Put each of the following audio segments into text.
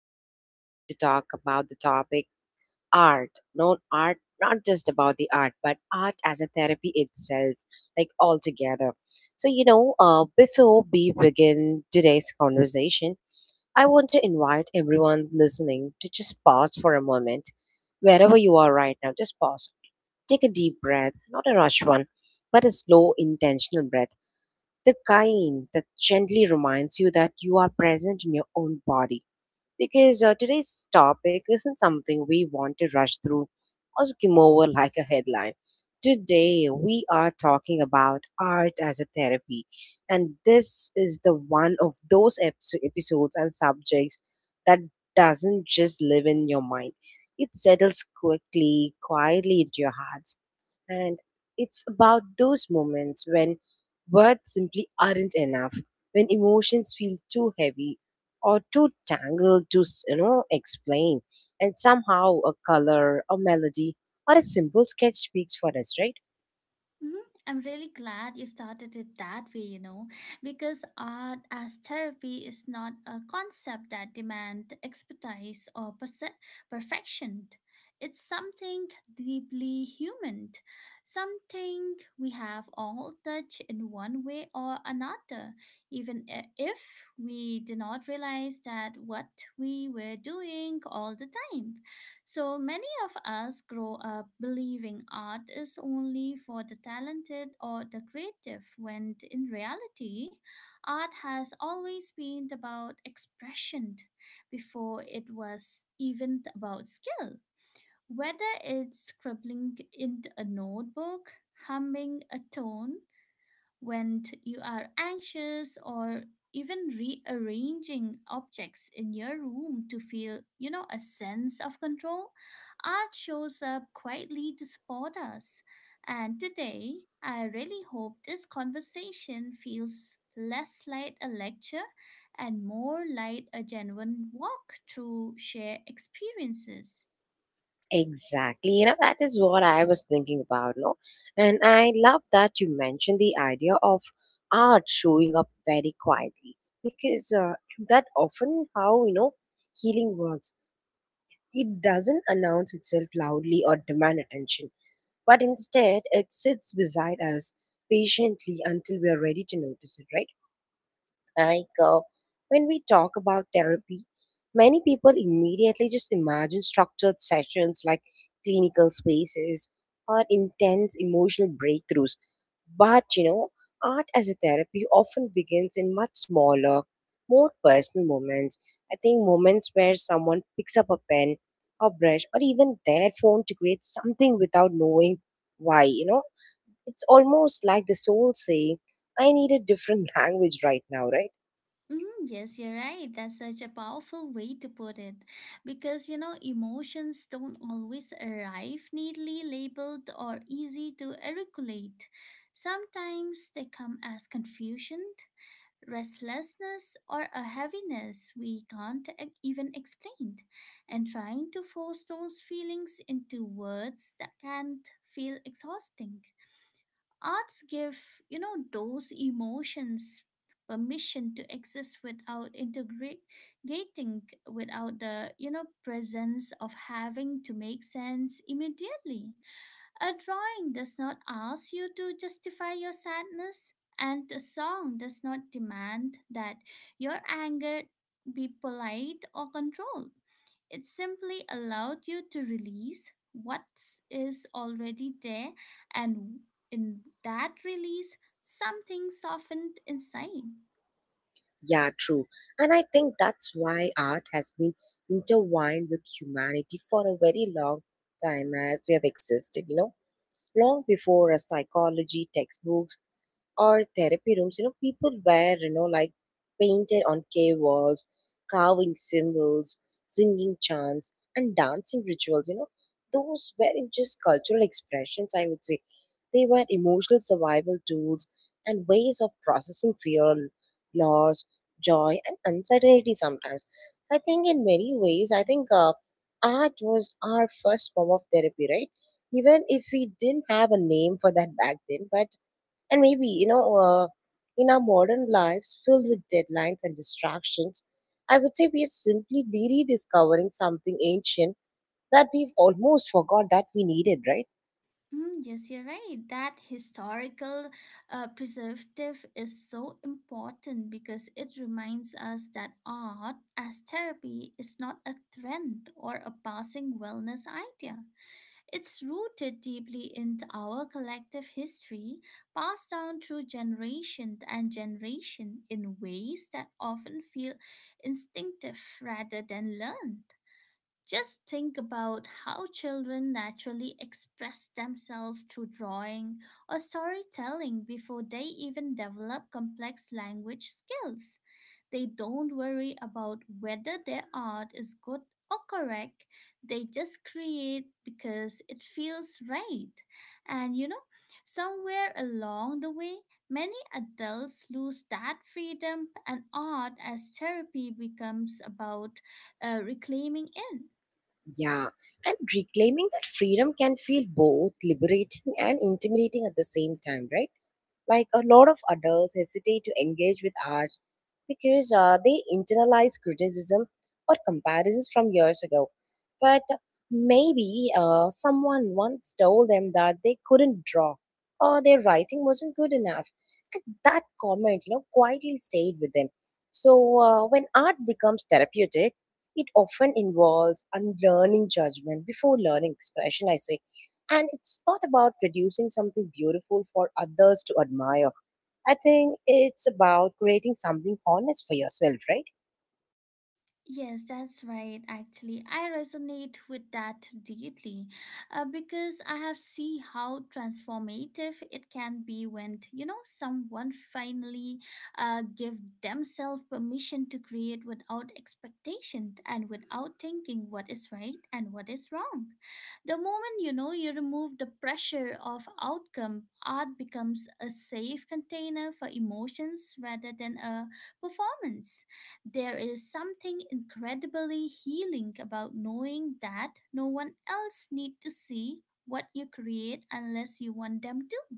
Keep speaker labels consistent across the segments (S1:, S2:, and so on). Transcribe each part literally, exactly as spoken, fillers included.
S1: we are going to talk about the topic art, not art, not just about the art, but art as a therapy itself, like altogether. So you know, uh, before we begin today's conversation, I want to invite everyone listening to just pause for a moment. Wherever you are right now, just pause. Take a deep breath, not a rush one, but a slow, intentional breath. The kind that gently reminds you that you are present in your own body because uh, today's topic isn't something we want to rush through or skim over like a headline. Today, we are talking about art as a therapy, and this is the one of those episo- episodes and subjects that doesn't just live in your mind. It settles quickly, quietly into your heart and it's about those moments when words simply aren't enough, when emotions feel too heavy or too tangled to, s- you know, explain. And somehow a color, a melody, or a simple sketch speaks for us, right?
S2: Mhm. I'm really glad you started it that way, you know, because art as therapy is not a concept that demands expertise or perse- perfection. It's something deeply human, something we have all touched in one way or another, even i- if we do not realize that what we were doing all the time. So many of us grow up believing art is only for the talented or the creative, when in reality, art has always been about expression before it was even about skill. Whether it's scribbling in a notebook, humming a tone, when t- you are anxious or even rearranging objects in your room to feel, you know, a sense of control, art shows up quietly to support us. And today, I really hope this conversation feels less like a lecture and more like a genuine walk through shared experiences.
S1: Exactly. You know, that is what I was thinking about, no? And I love that you mentioned the idea of art showing up very quietly because uh, that often how, you know, healing works. It doesn't announce itself loudly or demand attention, but instead it sits beside us patiently until we are ready to notice it, right? Like uh, when we talk about therapy, many people immediately just imagine structured sessions like clinical spaces or intense emotional breakthroughs. But you know, art as a therapy often begins in much smaller, more personal moments. I think moments where someone picks up a pen, a brush, or even their phone to create something without knowing why, you know. It's almost like the soul saying, I need a different language right now, right?
S2: Mm, yes, you're right. That's such a powerful way to put it. Because, you know, emotions don't always arrive neatly labeled or easy to regulate. Sometimes they come as confusion, restlessness, or a heaviness we can't e- even explain. And trying to force those feelings into words that can't feel exhausting. Arts give, you know, those emotions permission to exist without integrating, without the, you know, presence of having to make sense immediately. A drawing does not ask you to justify your sadness, and a song does not demand that your anger be polite or controlled. It simply allowed you to release what is already there, and in that release, something softened inside.
S1: Yeah, true. And I think that's why art has been intertwined with humanity for a very long time as we have existed, you know, long before a psychology textbooks or therapy rooms. You know, people were, you know, like painted on cave walls, carving symbols, singing chants, and dancing rituals. You know, those weren't just cultural expressions, I would say. They were emotional survival tools and ways of processing fear, loss, joy, and uncertainty sometimes. I think in many ways, I think uh, art was our first form of therapy, right? Even if we didn't have a name for that back then, but and maybe you know uh, in our modern lives filled with deadlines and distractions, I would say we are simply rediscovering something ancient that we've almost forgot that we needed, right?
S2: Mm, yes, you're right. That historical uh, preservative is so important because it reminds us that art as therapy is not a trend or a passing wellness idea. It's rooted deeply into our collective history, passed down through generation and generation in ways that often feel instinctive rather than learned. Just think about how children naturally express themselves through drawing or storytelling before they even develop complex language skills. They don't worry about whether their art is good or correct, they just create because it feels right. And you know, somewhere along the way, many adults lose that freedom, and art as therapy becomes about uh, reclaiming it.
S1: Yeah, and reclaiming that freedom can feel both liberating and intimidating at the same time, right? Like a lot of adults hesitate to engage with art because uh, they internalize criticism or comparisons from years ago. But maybe uh, someone once told them that they couldn't draw or their writing wasn't good enough. And that comment, you know, quietly stayed with them. So uh, when art becomes therapeutic, it often involves unlearning judgment before learning expression, I say. And it's not about producing something beautiful for others to admire. I think it's about creating something honest for yourself, right?
S2: Yes, that's right. Actually, I resonate with that deeply uh, because I have seen how transformative it can be when, you know, someone finally uh, give themselves permission to create without expectation and without thinking what is right and what is wrong. The moment, you know, you remove the pressure of outcome, art becomes a safe container for emotions rather than a performance. There is something incredibly healing about knowing that no one else need to see what you create unless you want them to.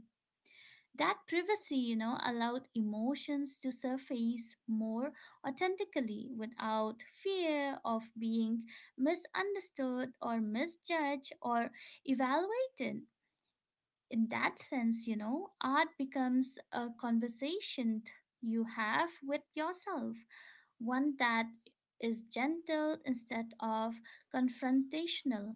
S2: That privacy, you know, allowed emotions to surface more authentically without fear of being misunderstood or misjudged or evaluated. In that sense, you know, art becomes a conversation you have with yourself, one that is gentle instead of confrontational.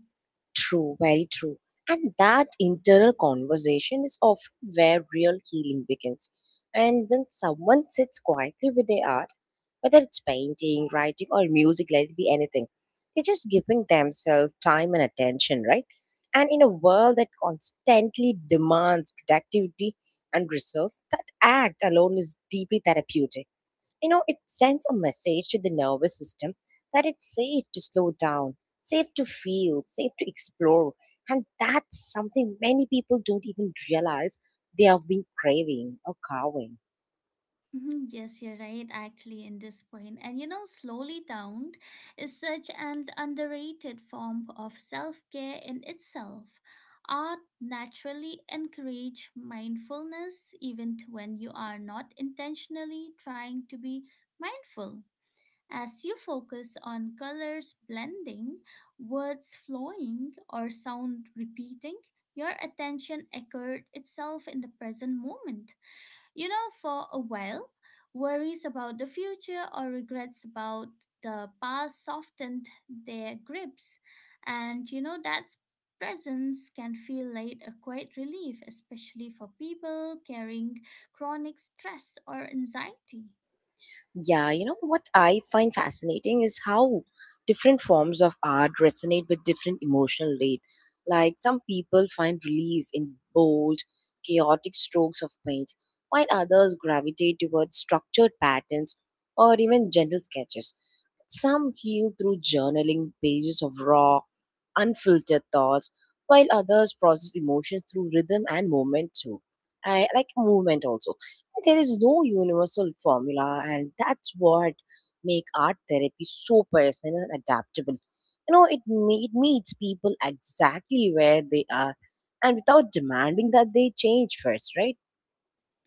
S1: True, very true. And that internal conversation is often where real healing begins. And when someone sits quietly with their art, whether it's painting, writing, or music, let it be anything, they're just giving themselves time and attention, right? And in a world that constantly demands productivity and results, that act alone is deeply therapeutic. You know, it sends a message to the nervous system that it's safe to slow down, safe to feel, safe to explore. And that's something many people don't even realize they have been craving or carving.
S2: Mhm, yes, you're right, actually, in this point. And you know, slowly down is such an underrated form of self care in itself. Art naturally encourage mindfulness even when you are not intentionally trying to be mindful. As you focus on colors blending, words flowing, or sound repeating, your attention anchored itself in the present moment. You know, for a while, worries about the future or regrets about the past softened their grips. And you know, that presence can feel like a quiet relief, especially for people carrying chronic stress or anxiety.
S1: Yeah, you know what I find fascinating is how different forms of art resonate with different emotional rate. Like some people find release in bold, chaotic strokes of paint, while others gravitate towards structured patterns or even gentle sketches. Some heal through journaling pages of raw, unfiltered thoughts, while others process emotion through rhythm and movement too. I like movement also. There is no universal formula, and that's what make art therapy so personal and adaptable. You know, it, me- it meets people exactly where they are and without demanding that they change first, right?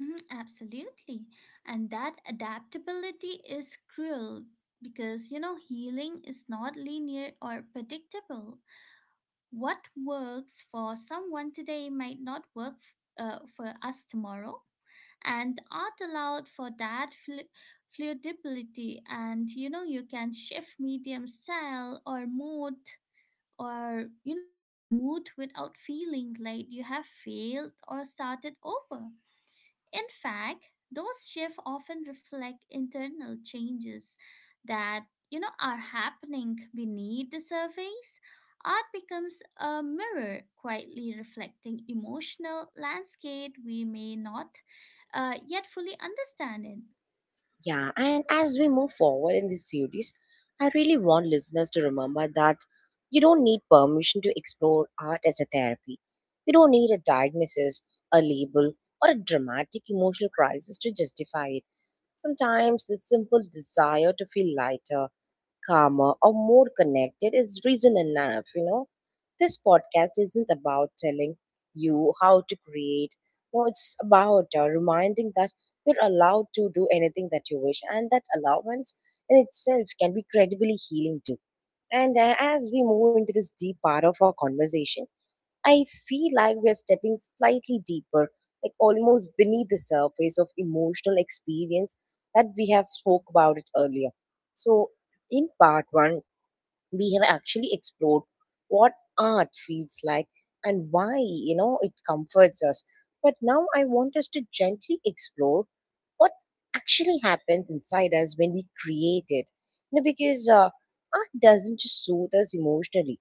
S2: Mhm, absolutely. And that adaptability is cruel because, you know, healing is not linear or predictable. What works for someone today might not work f- uh, for us tomorrow. And art allowed for that flu- fluidity. And, you know, you can shift medium style or mood or, you know, even mood without feeling like you have failed or started over. In fact, those shifts often reflect internal changes that you know are happening beneath the surface. Art becomes a mirror, quietly reflecting emotional landscape we may not uh, yet fully understand it.
S1: Yeah, and as we move forward in this series, I really want listeners to remember that you don't need permission to explore art as a therapy. You don't need a diagnosis, a label, or a dramatic emotional crisis to justify it. Sometimes the simple desire to feel lighter, calmer or more connected is reason enough, you know. This podcast isn't about telling you how to create. No, it's about uh, reminding that you're allowed to do anything that you wish, and that allowance in itself can be incredibly healing too. And uh, as we move into this deep part of our conversation, I feel like we're stepping slightly deeper, like almost beneath the surface of emotional experience that we have spoke about it earlier. So in part one, we have actually explored what art feels like and why, you know, it comforts us. But now I want us to gently explore what actually happens inside us when we create it. You know, because uh, art doesn't just soothe us emotionally,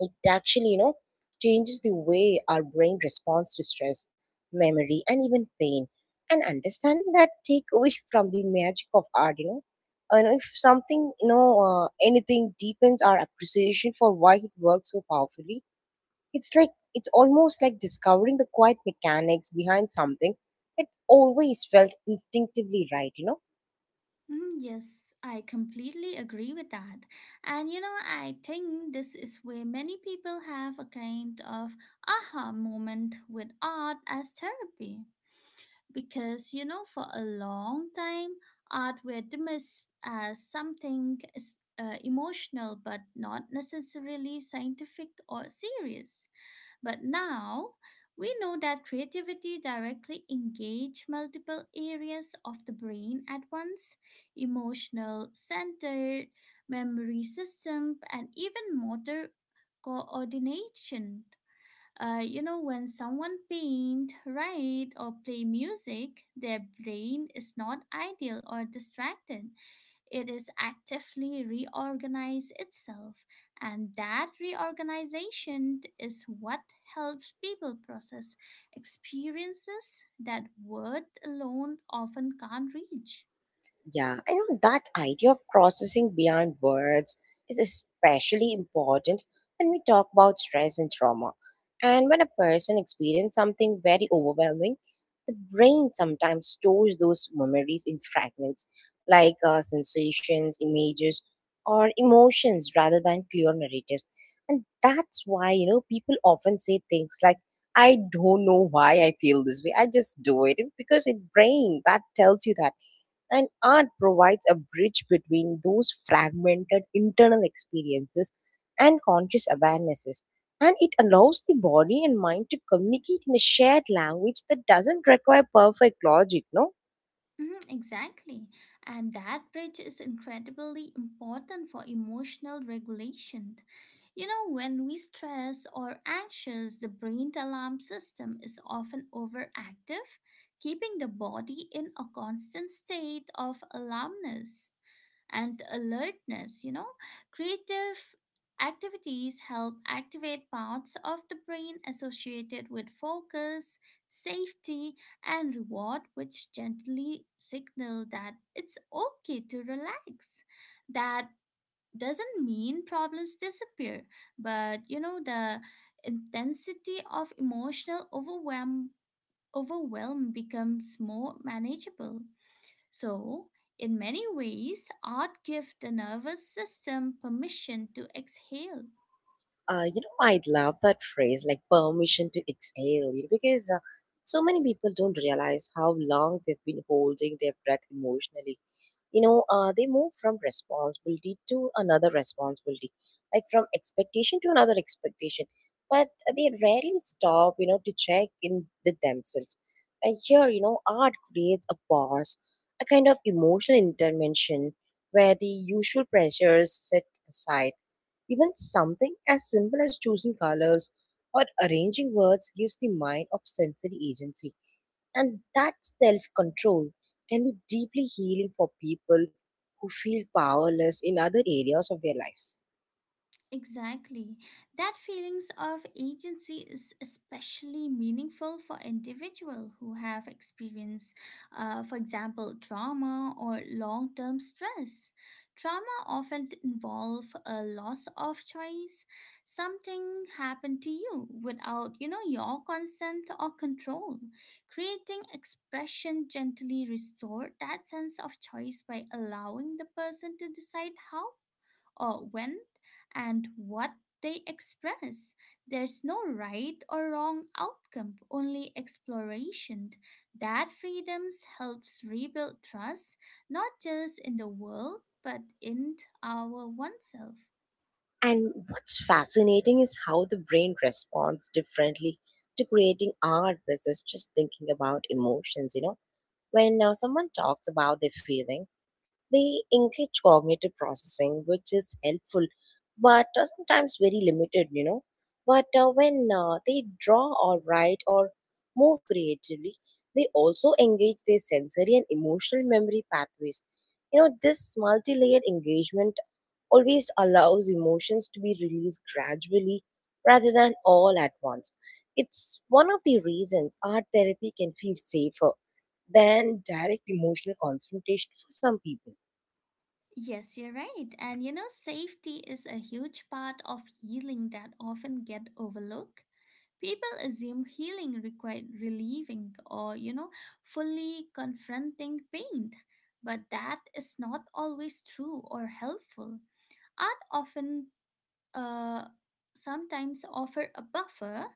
S1: it actually, you know, changes the way our brain responds to stress, memory, and even pain. And understanding that take away from the magic of art, you know. And if something, you know, uh, anything deepens our appreciation for why it works so powerfully, it's like it's almost like discovering the quiet mechanics behind something that always felt instinctively right, you know.
S2: Mm, yes, I completely agree with that. And you know, I think this is where many people have a kind of aha moment with art as therapy. Because, you know, for a long time, art were dismissed as something s- uh, emotional but not necessarily scientific or serious. But now, we know that creativity directly engage multiple areas of the brain at once, emotional centered, memory system, and even motor coordination. Uh, you know, when someone paint, write, or play music, their brain is not idle or distracted. It is actively reorganize itself, and that reorganization is what helps people process experiences that word alone often can't reach.
S1: Yeah, I know that idea of processing beyond words is especially important when we talk about stress and trauma. And when a person experiences something very overwhelming, the brain sometimes stores those memories in fragments, like uh, sensations, images, or emotions rather than clear narratives. And that's why, you know, people often say things like, I don't know why I feel this way. I just do it because it brain that tells you that. And art provides a bridge between those fragmented internal experiences and conscious awarenesses. And it allows the body and mind to communicate in a shared language that doesn't require perfect logic, no?
S2: Mhm, exactly. And that bridge is incredibly important for emotional regulation. You know, when we stress or anxious, the brain alarm system is often overactive, keeping the body in a constant state of alarmness and alertness, you know. Creative activities help activate parts of the brain associated with focus, safety, and reward, which gently signal that it's okay to relax. That doesn't mean problems disappear, but you know, the intensity of emotional overwhelm overwhelm becomes more manageable. So, in many ways, art gives the nervous system permission to exhale.
S1: Uh, you know, I love that phrase, like permission to exhale, you know, because uh, so many people don't realize how long they've been holding their breath emotionally. You know uh, they move from responsibility to another responsibility, like from expectation to another expectation, but they rarely stop, you know, to check in with themselves. And here, you know, art creates a pause, a kind of emotional intervention where the usual pressures set aside. Even something as simple as choosing colors or arranging words gives the mind of sensory agency, and that self control can be deeply healing for people who feel powerless in other areas of their lives.
S2: Exactly. That feelings of agency is especially meaningful for individuals who have experienced, uh, for example, trauma or long-term stress. Trauma often involve a loss of choice. Something happened to you without, you know, your consent or control. Creating expression gently restore that sense of choice by allowing the person to decide how, uh, when, and what they express. There's no right or wrong outcome, only exploration. That freedom helps rebuild trust, not just in the world, but in our oneself.
S1: And what's fascinating is how the brain responds differently to creating art versus just thinking about emotions. You know, when uh, someone talks about their feelings, they engage cognitive processing, which is helpful, but uh, sometimes very limited, you know. But uh, when uh, they draw or write or move creatively, they also engage their sensory and emotional memory pathways. You know, this multi layered engagement always allows emotions to be released gradually rather than all at once. It's one of the reasons art therapy can feel safer than direct emotional confrontation for some people.
S2: Yes, you're right. And you know, safety is a huge part of healing that often get overlooked. People assume healing required relieving or, you know, fully confronting pain, but that is not always true or helpful. Art often, uh, sometimes offer a buffer,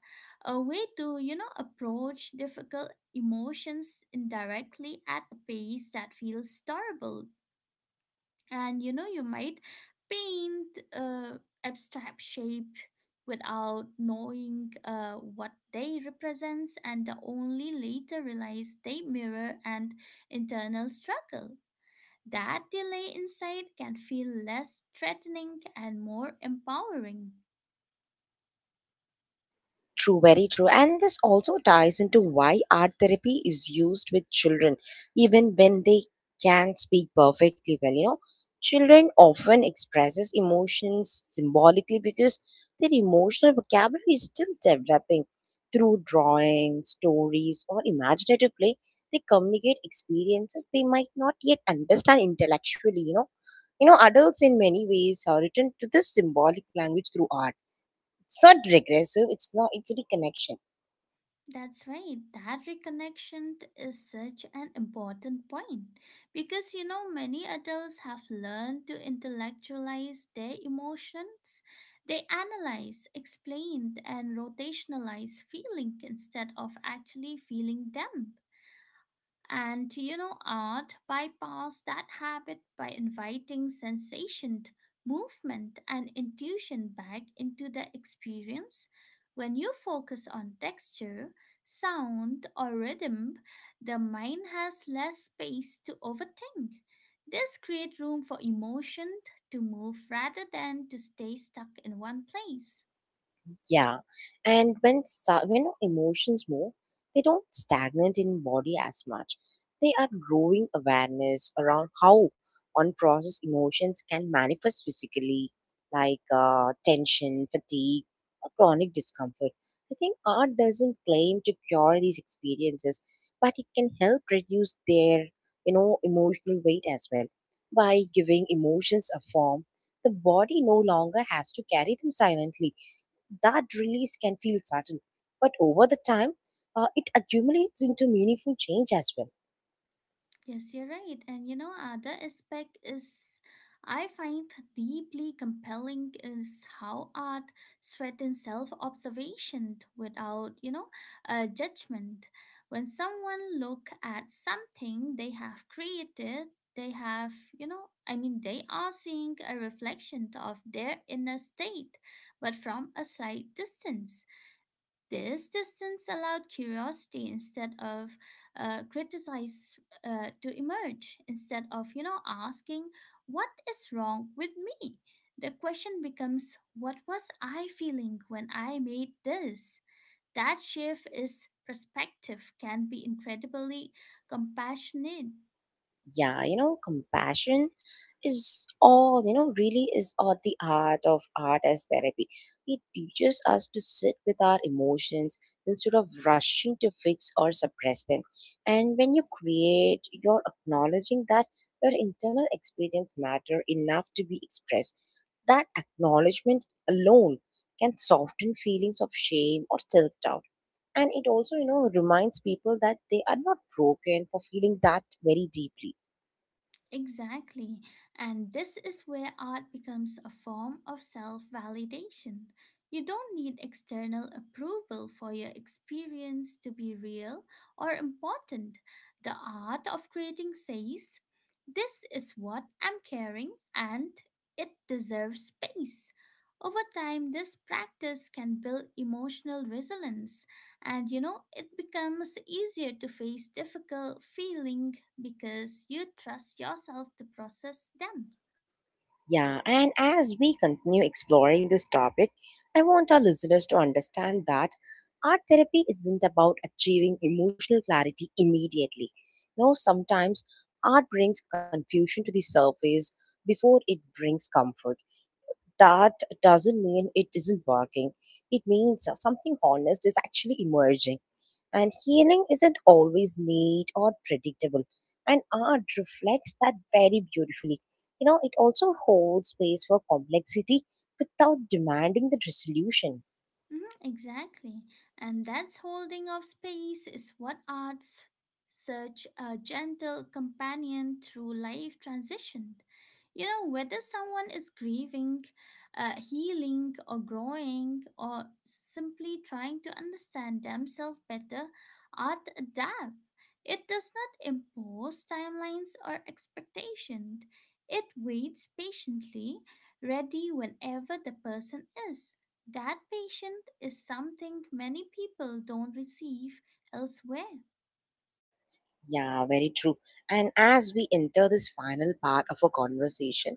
S2: a way to, you know, approach difficult emotions indirectly at a pace that feels tolerable, and you know you might paint uh, abstract shape without knowing uh, what they represents and only later realize they mirror an internal struggle. That delay inside can feel less threatening and more empowering.
S1: True, very true. And this also ties into why art therapy is used with children, even when they can speak perfectly well. You know, children often expresses emotions symbolically because their emotional vocabulary is still developing. Through drawing, stories, or imaginative play, they communicate experiences they might not yet understand intellectually. You know, you know, adults in many ways are written to this symbolic language through art. It's not regressive, it's not it's a reconnection.
S2: That's right. That reconnection t- is such an important point because you know many adults have learned to intellectualize their emotions. They analyze, explain, and rotationalize feeling instead of actually feeling them. And you know, art bypass that habit by inviting sensation, movement, and intuition back into the experience. When you focus on texture, sound, or rhythm, the mind has less space to overthink. This creates room for emotion to move rather than to stay stuck in one place.
S1: Yeah, and when so- when emotions move, they don't stagnate in body as much. They are growing awareness around how unprocessed emotions can manifest physically, like uh, tension, fatigue, or chronic discomfort. I think art doesn't claim to cure these experiences, but it can help reduce their, you know, emotional weight as well by giving emotions a form. The body no longer has to carry them silently. That release can feel sudden, but over the time, uh, it accumulates into meaningful change as well.
S2: Yes, you're right. And you know, other aspect is I find deeply compelling is how art threatens self-observation without, you know, a judgment. When someone look at something they have created, they have, you know, I mean, they are seeing a reflection of their inner state, but from a slight distance. This distance allowed curiosity instead of uh, criticize uh, to emerge. Instead of you know asking what is wrong with me, the question becomes what was I feeling when I made this. That shift is perspective can be incredibly compassionate.
S1: Yeah, you know, compassion is all, you know really is all the art of art as therapy. It teaches us to sit with our emotions instead of rushing to fix or suppress them. And when you create, you're acknowledging that your internal experience matter enough to be expressed. That acknowledgement alone can soften feelings of shame or self-doubt. And it also, you know reminds people that they are not broken for feeling that very deeply.
S2: Exactly. And this is where art becomes a form of self validation. You don't need external approval for your experience to be real or important. The art of creating says, this is what I'm carrying and it deserves space. Over time, this practice can build emotional resilience, and you know, it becomes easier to face difficult feelings because you trust yourself to process them.
S1: Yeah, and as we continue exploring this topic, I want our listeners to understand that art therapy isn't about achieving emotional clarity immediately. You know, sometimes art brings confusion to the surface before it brings comfort. That doesn't mean it isn't working. It means uh, something honest is actually emerging. And healing isn't always neat or predictable. And art reflects that very beautifully. You know, it also holds space for complexity without demanding the resolution.
S2: Mhm, exactly. And that's holding of space is what arts such a gentle companion through life transition. You know, whether someone is grieving, uh, healing, or growing, or simply trying to understand themselves better, art adapt. It does not impose timelines or expectations. It waits patiently, ready whenever the person is. That patient is something many people don't receive elsewhere.
S1: Yeah, very true. And as we enter this final part of our conversation,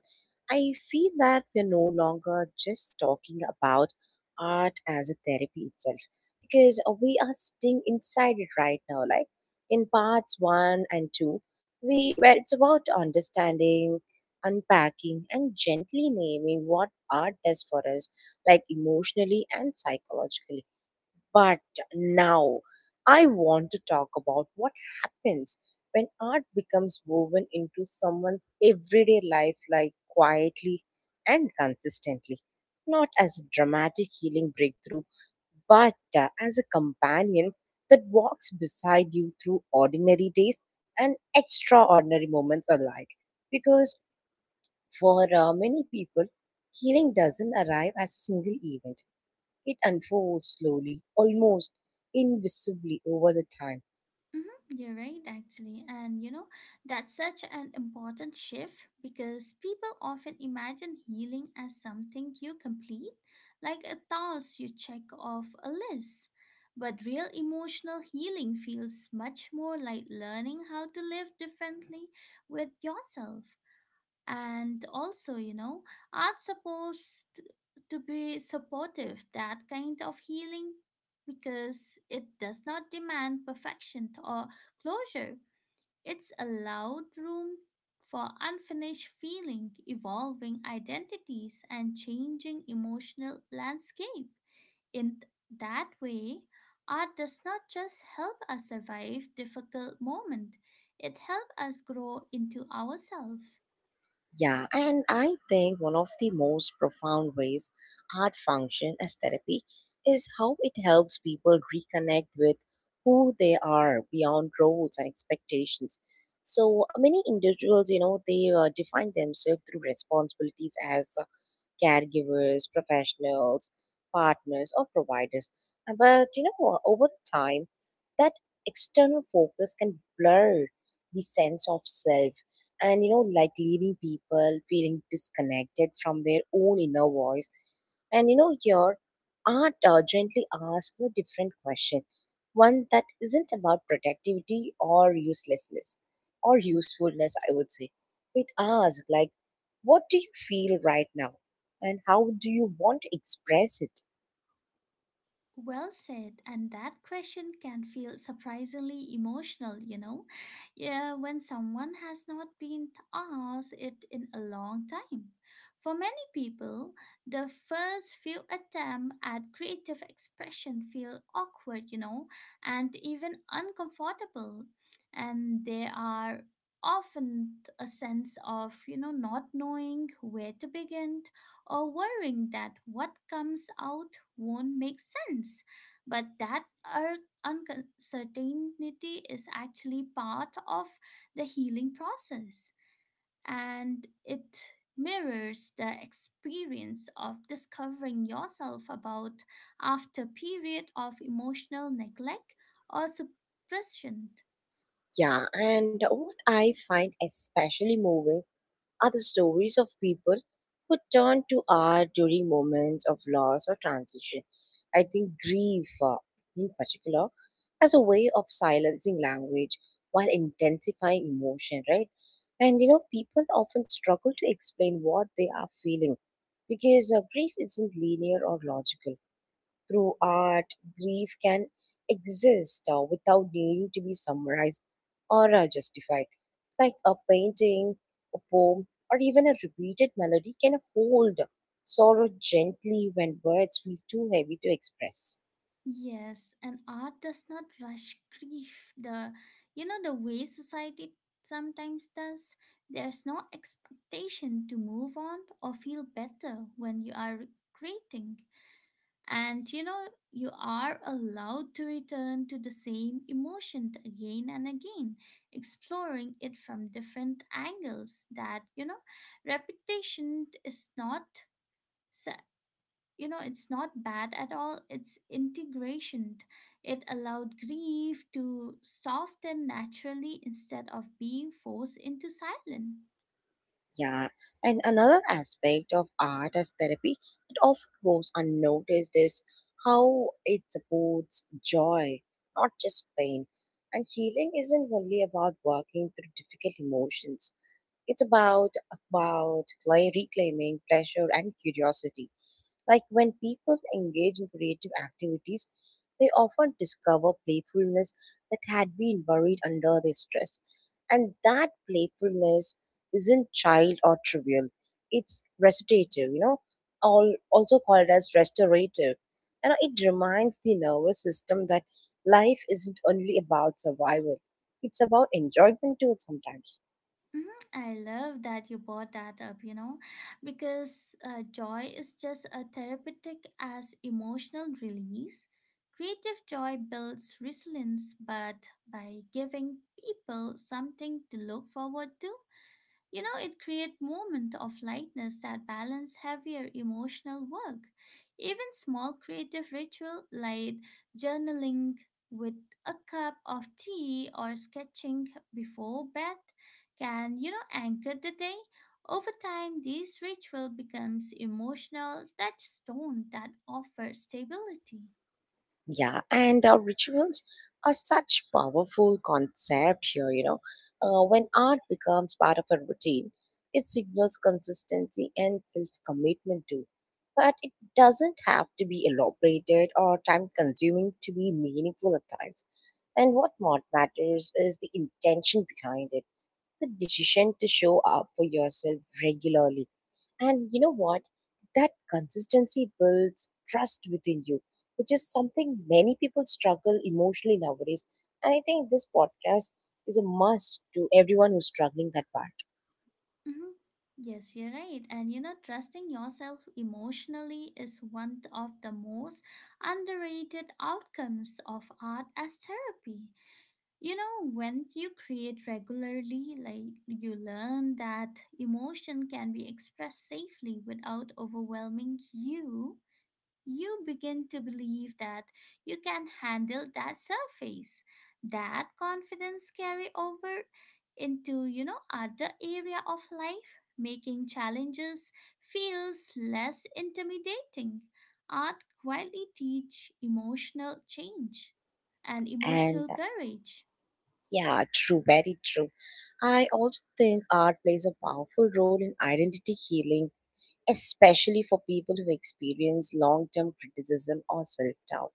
S1: I feel that we're no longer just talking about art as a therapy itself because we are sitting inside it right now. Like in parts one and two, we where it's about understanding, unpacking, and gently naming what art does for us, like emotionally and psychologically, but now I want to talk about what happens when art becomes woven into someone's everyday life, like quietly and consistently, not as a dramatic healing breakthrough, but uh, as a companion that walks beside you through ordinary days and extraordinary moments alike. Because for uh, many people, healing doesn't arrive as a single event. It unfolds slowly, almost invisibly over the time.
S2: Hmm, you're right, actually. And you know, that's such an important shift because people often imagine healing as something you complete, like a task you check off a list. But real emotional healing feels much more like learning how to live differently with yourself. And also you know art's supposed to be supportive that kind of healing because it does not demand perfection or closure. It's allowed room for unfinished feeling evolving identities and changing emotional landscape. In that way, art does not just help us survive difficult moment, it helps us grow into ourselves.
S1: Yeah, and I think one of the most profound ways art function as therapy is how it helps people reconnect with who they are beyond roles and expectations. So many individuals, you know, they uh, define themselves through responsibilities as uh, caregivers, professionals, partners, or providers. Uh, But you know, uh, over the time, that external focus can blur the sense of self, and you know, like leaving people feeling disconnected from their own inner voice. And you know, your art uh, gently asks a different question, one that isn't about productivity or uselessness or usefulness, I would say. It asks like, what do you feel right now and how do you want to express it?
S2: Well said, and that question can feel surprisingly emotional, you know. Yeah, when someone has not been asked it in a long time. For many people, the first few attempts at creative expression feel awkward, you know, and even uncomfortable. And there are often a sense of, you know, not knowing where to begin or worrying that what comes out won't make sense. But that ur- uncertainty is actually part of the healing process and it mirrors the experience of discovering yourself about after period of emotional neglect or suppression.
S1: Yeah, and what I find especially moving are the stories of people who turn to art during moments of loss or transition. I think grief, uh, in particular, as a way of silencing language while intensifying emotion, right? And you know, people often struggle to explain what they are feeling because uh, grief isn't linear or logical. Through art, grief can exist uh, without needing to be summarized or uh, justified. Like a painting, a poem, or even a repeated melody can hold sorrow gently when words feel too heavy to express.
S2: Yes, and art does not rush grief the you know the way society sometimes does. There's no expectation to move on or feel better when you are creating. And you know you are allowed to return to the same emotion again and again, exploring it from different angles. That you know repetition is not, you know, it's not bad at all, it's integration. It allowed grief to soften naturally instead of being forced into silence.
S1: Yeah, and another aspect of art as therapy that often goes unnoticed is how it supports joy, not just pain. And healing isn't only about working through difficult emotions. It's about about clay reclaiming pleasure and curiosity. Like when people engage in creative activities, they often discover playfulness that had been buried under their stress. And that playfulness isn't child or trivial, it's restorative, you know, all, also called as restorative. And it reminds the nervous system that life isn't only about survival, it's about enjoyment too sometimes.
S2: Mhm, I love that you brought that up, you know, because uh, joy is just as therapeutic as emotional release. Creative joy builds resilience, but by giving people something to look forward to, you know, it creates moments of lightness that balance heavier emotional work. Even small creative ritual like journaling with a cup of tea or sketching before bed can, you know, anchor the day. Over time, these ritual becomes emotional touchstone that offers stability.
S1: Yeah, and our rituals are such powerful concept here, you know. Uh, when art becomes part of a routine, it signals consistency and self-commitment too. But it doesn't have to be elaborated or time-consuming to be meaningful at times. And what more matters is the intention behind it, the decision to show up for yourself regularly. And you know what? That consistency builds trust within you, which is something many people struggle emotionally nowadays. And I think this podcast is a must to everyone who's struggling that part.
S2: Mhm. Yes, you're right. And you know, trusting yourself emotionally is one of the most underrated outcomes of art as therapy. You know, when you create regularly, like you learn that emotion can be expressed safely without overwhelming you, you begin to believe that you can handle that surface. That confidence carry over into you know other area of life making challenges feels less intimidating. Art quietly teach emotional change and
S1: And
S2: emotional
S1: uh,
S2: courage.
S1: yeah, true, very true. I also think art plays a powerful role in identity healing, especially for people who experience long term criticism or self doubt.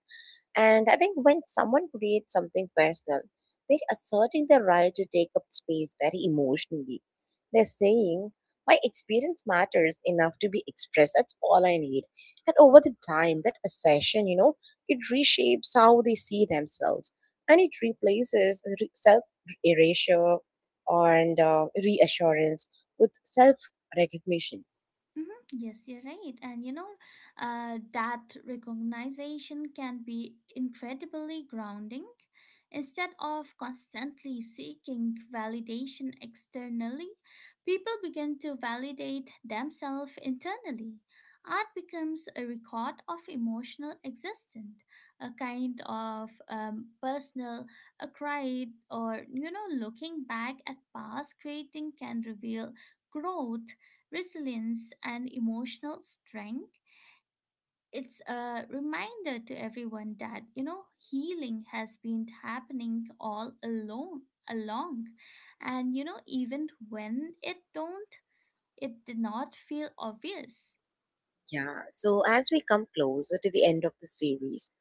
S1: And I think when someone creates something personal, they're asserting their right to take up space very emotionally. They're saying, my experience matters enough to be expressed. That's all I need. And over the time, that assertion, you know, it reshapes how they see themselves, and it replaces re- self erasure and uh, reassurance with self recognition.
S2: Mhm, yes, you're right. And you know, uh, that recognition can be incredibly grounding. Instead of constantly seeking validation externally, people begin to validate themselves internally. Art becomes a record of emotional existence, a kind of um, personal a cry, or you know, looking back at past creating can reveal growth resilience and emotional strength. It's a reminder to everyone that, you know, healing has been happening all alone along. And you know, even when it don't it did not feel obvious.
S1: Yeah, so as we come closer to the end of the series,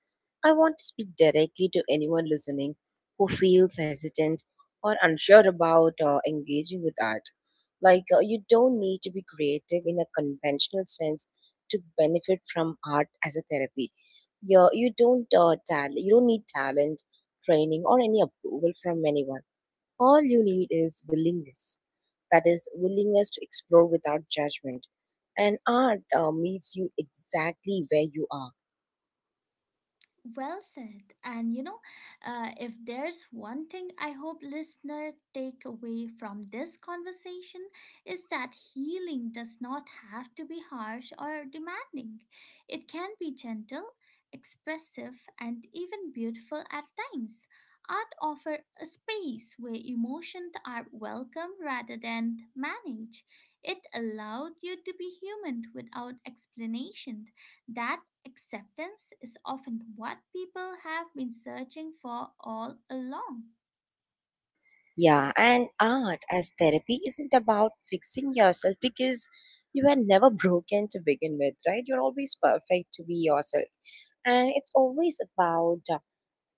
S1: I want to speak directly to anyone listening who feels hesitant or unsure about uh, engaging with art. Like, uh, you don't need to be creative in a conventional sense to benefit from art as a therapy. You're, you don't uh, tal- you don't need talent, training, or any approval from anyone. All you need is willingness. That is, willingness to explore without judgment. And art uh, meets you exactly where you are.
S2: Well said. And you know, uh, if there's one thing I hope listener take away from this conversation is that healing does not have to be harsh or demanding. It can be gentle, expressive, and even beautiful at times. Art offer a space where emotions are welcome rather than managed. It allowed you to be human without explanation. That acceptance is often what people have been searching for all along.
S1: Yeah, and art as therapy isn't about fixing yourself because you were never broken to begin with, right? You're always perfect to be yourself. And it's always about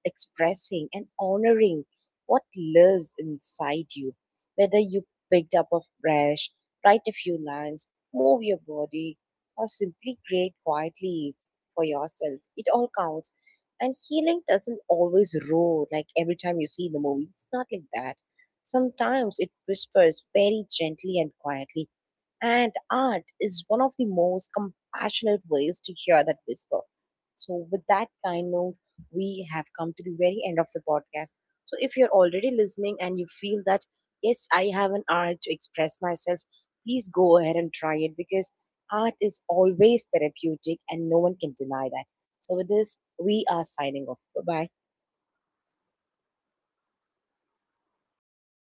S1: expressing and honoring what lives inside you. Whether you picked up a brush, write a few lines, move your body, or simply create quietly for yourself, it all counts. And healing doesn't always roar like every time you see the movie. It's not like that. Sometimes it whispers very gently and quietly, and art is one of the most compassionate ways to hear that whisper. So, with that kind note, we have come to the very end of the podcast. So, if you're already listening and you feel that, yes, I have an art to express myself, please go ahead and try it because art is always therapeutic and no one can deny that. So, with this, we are signing off. Bye bye.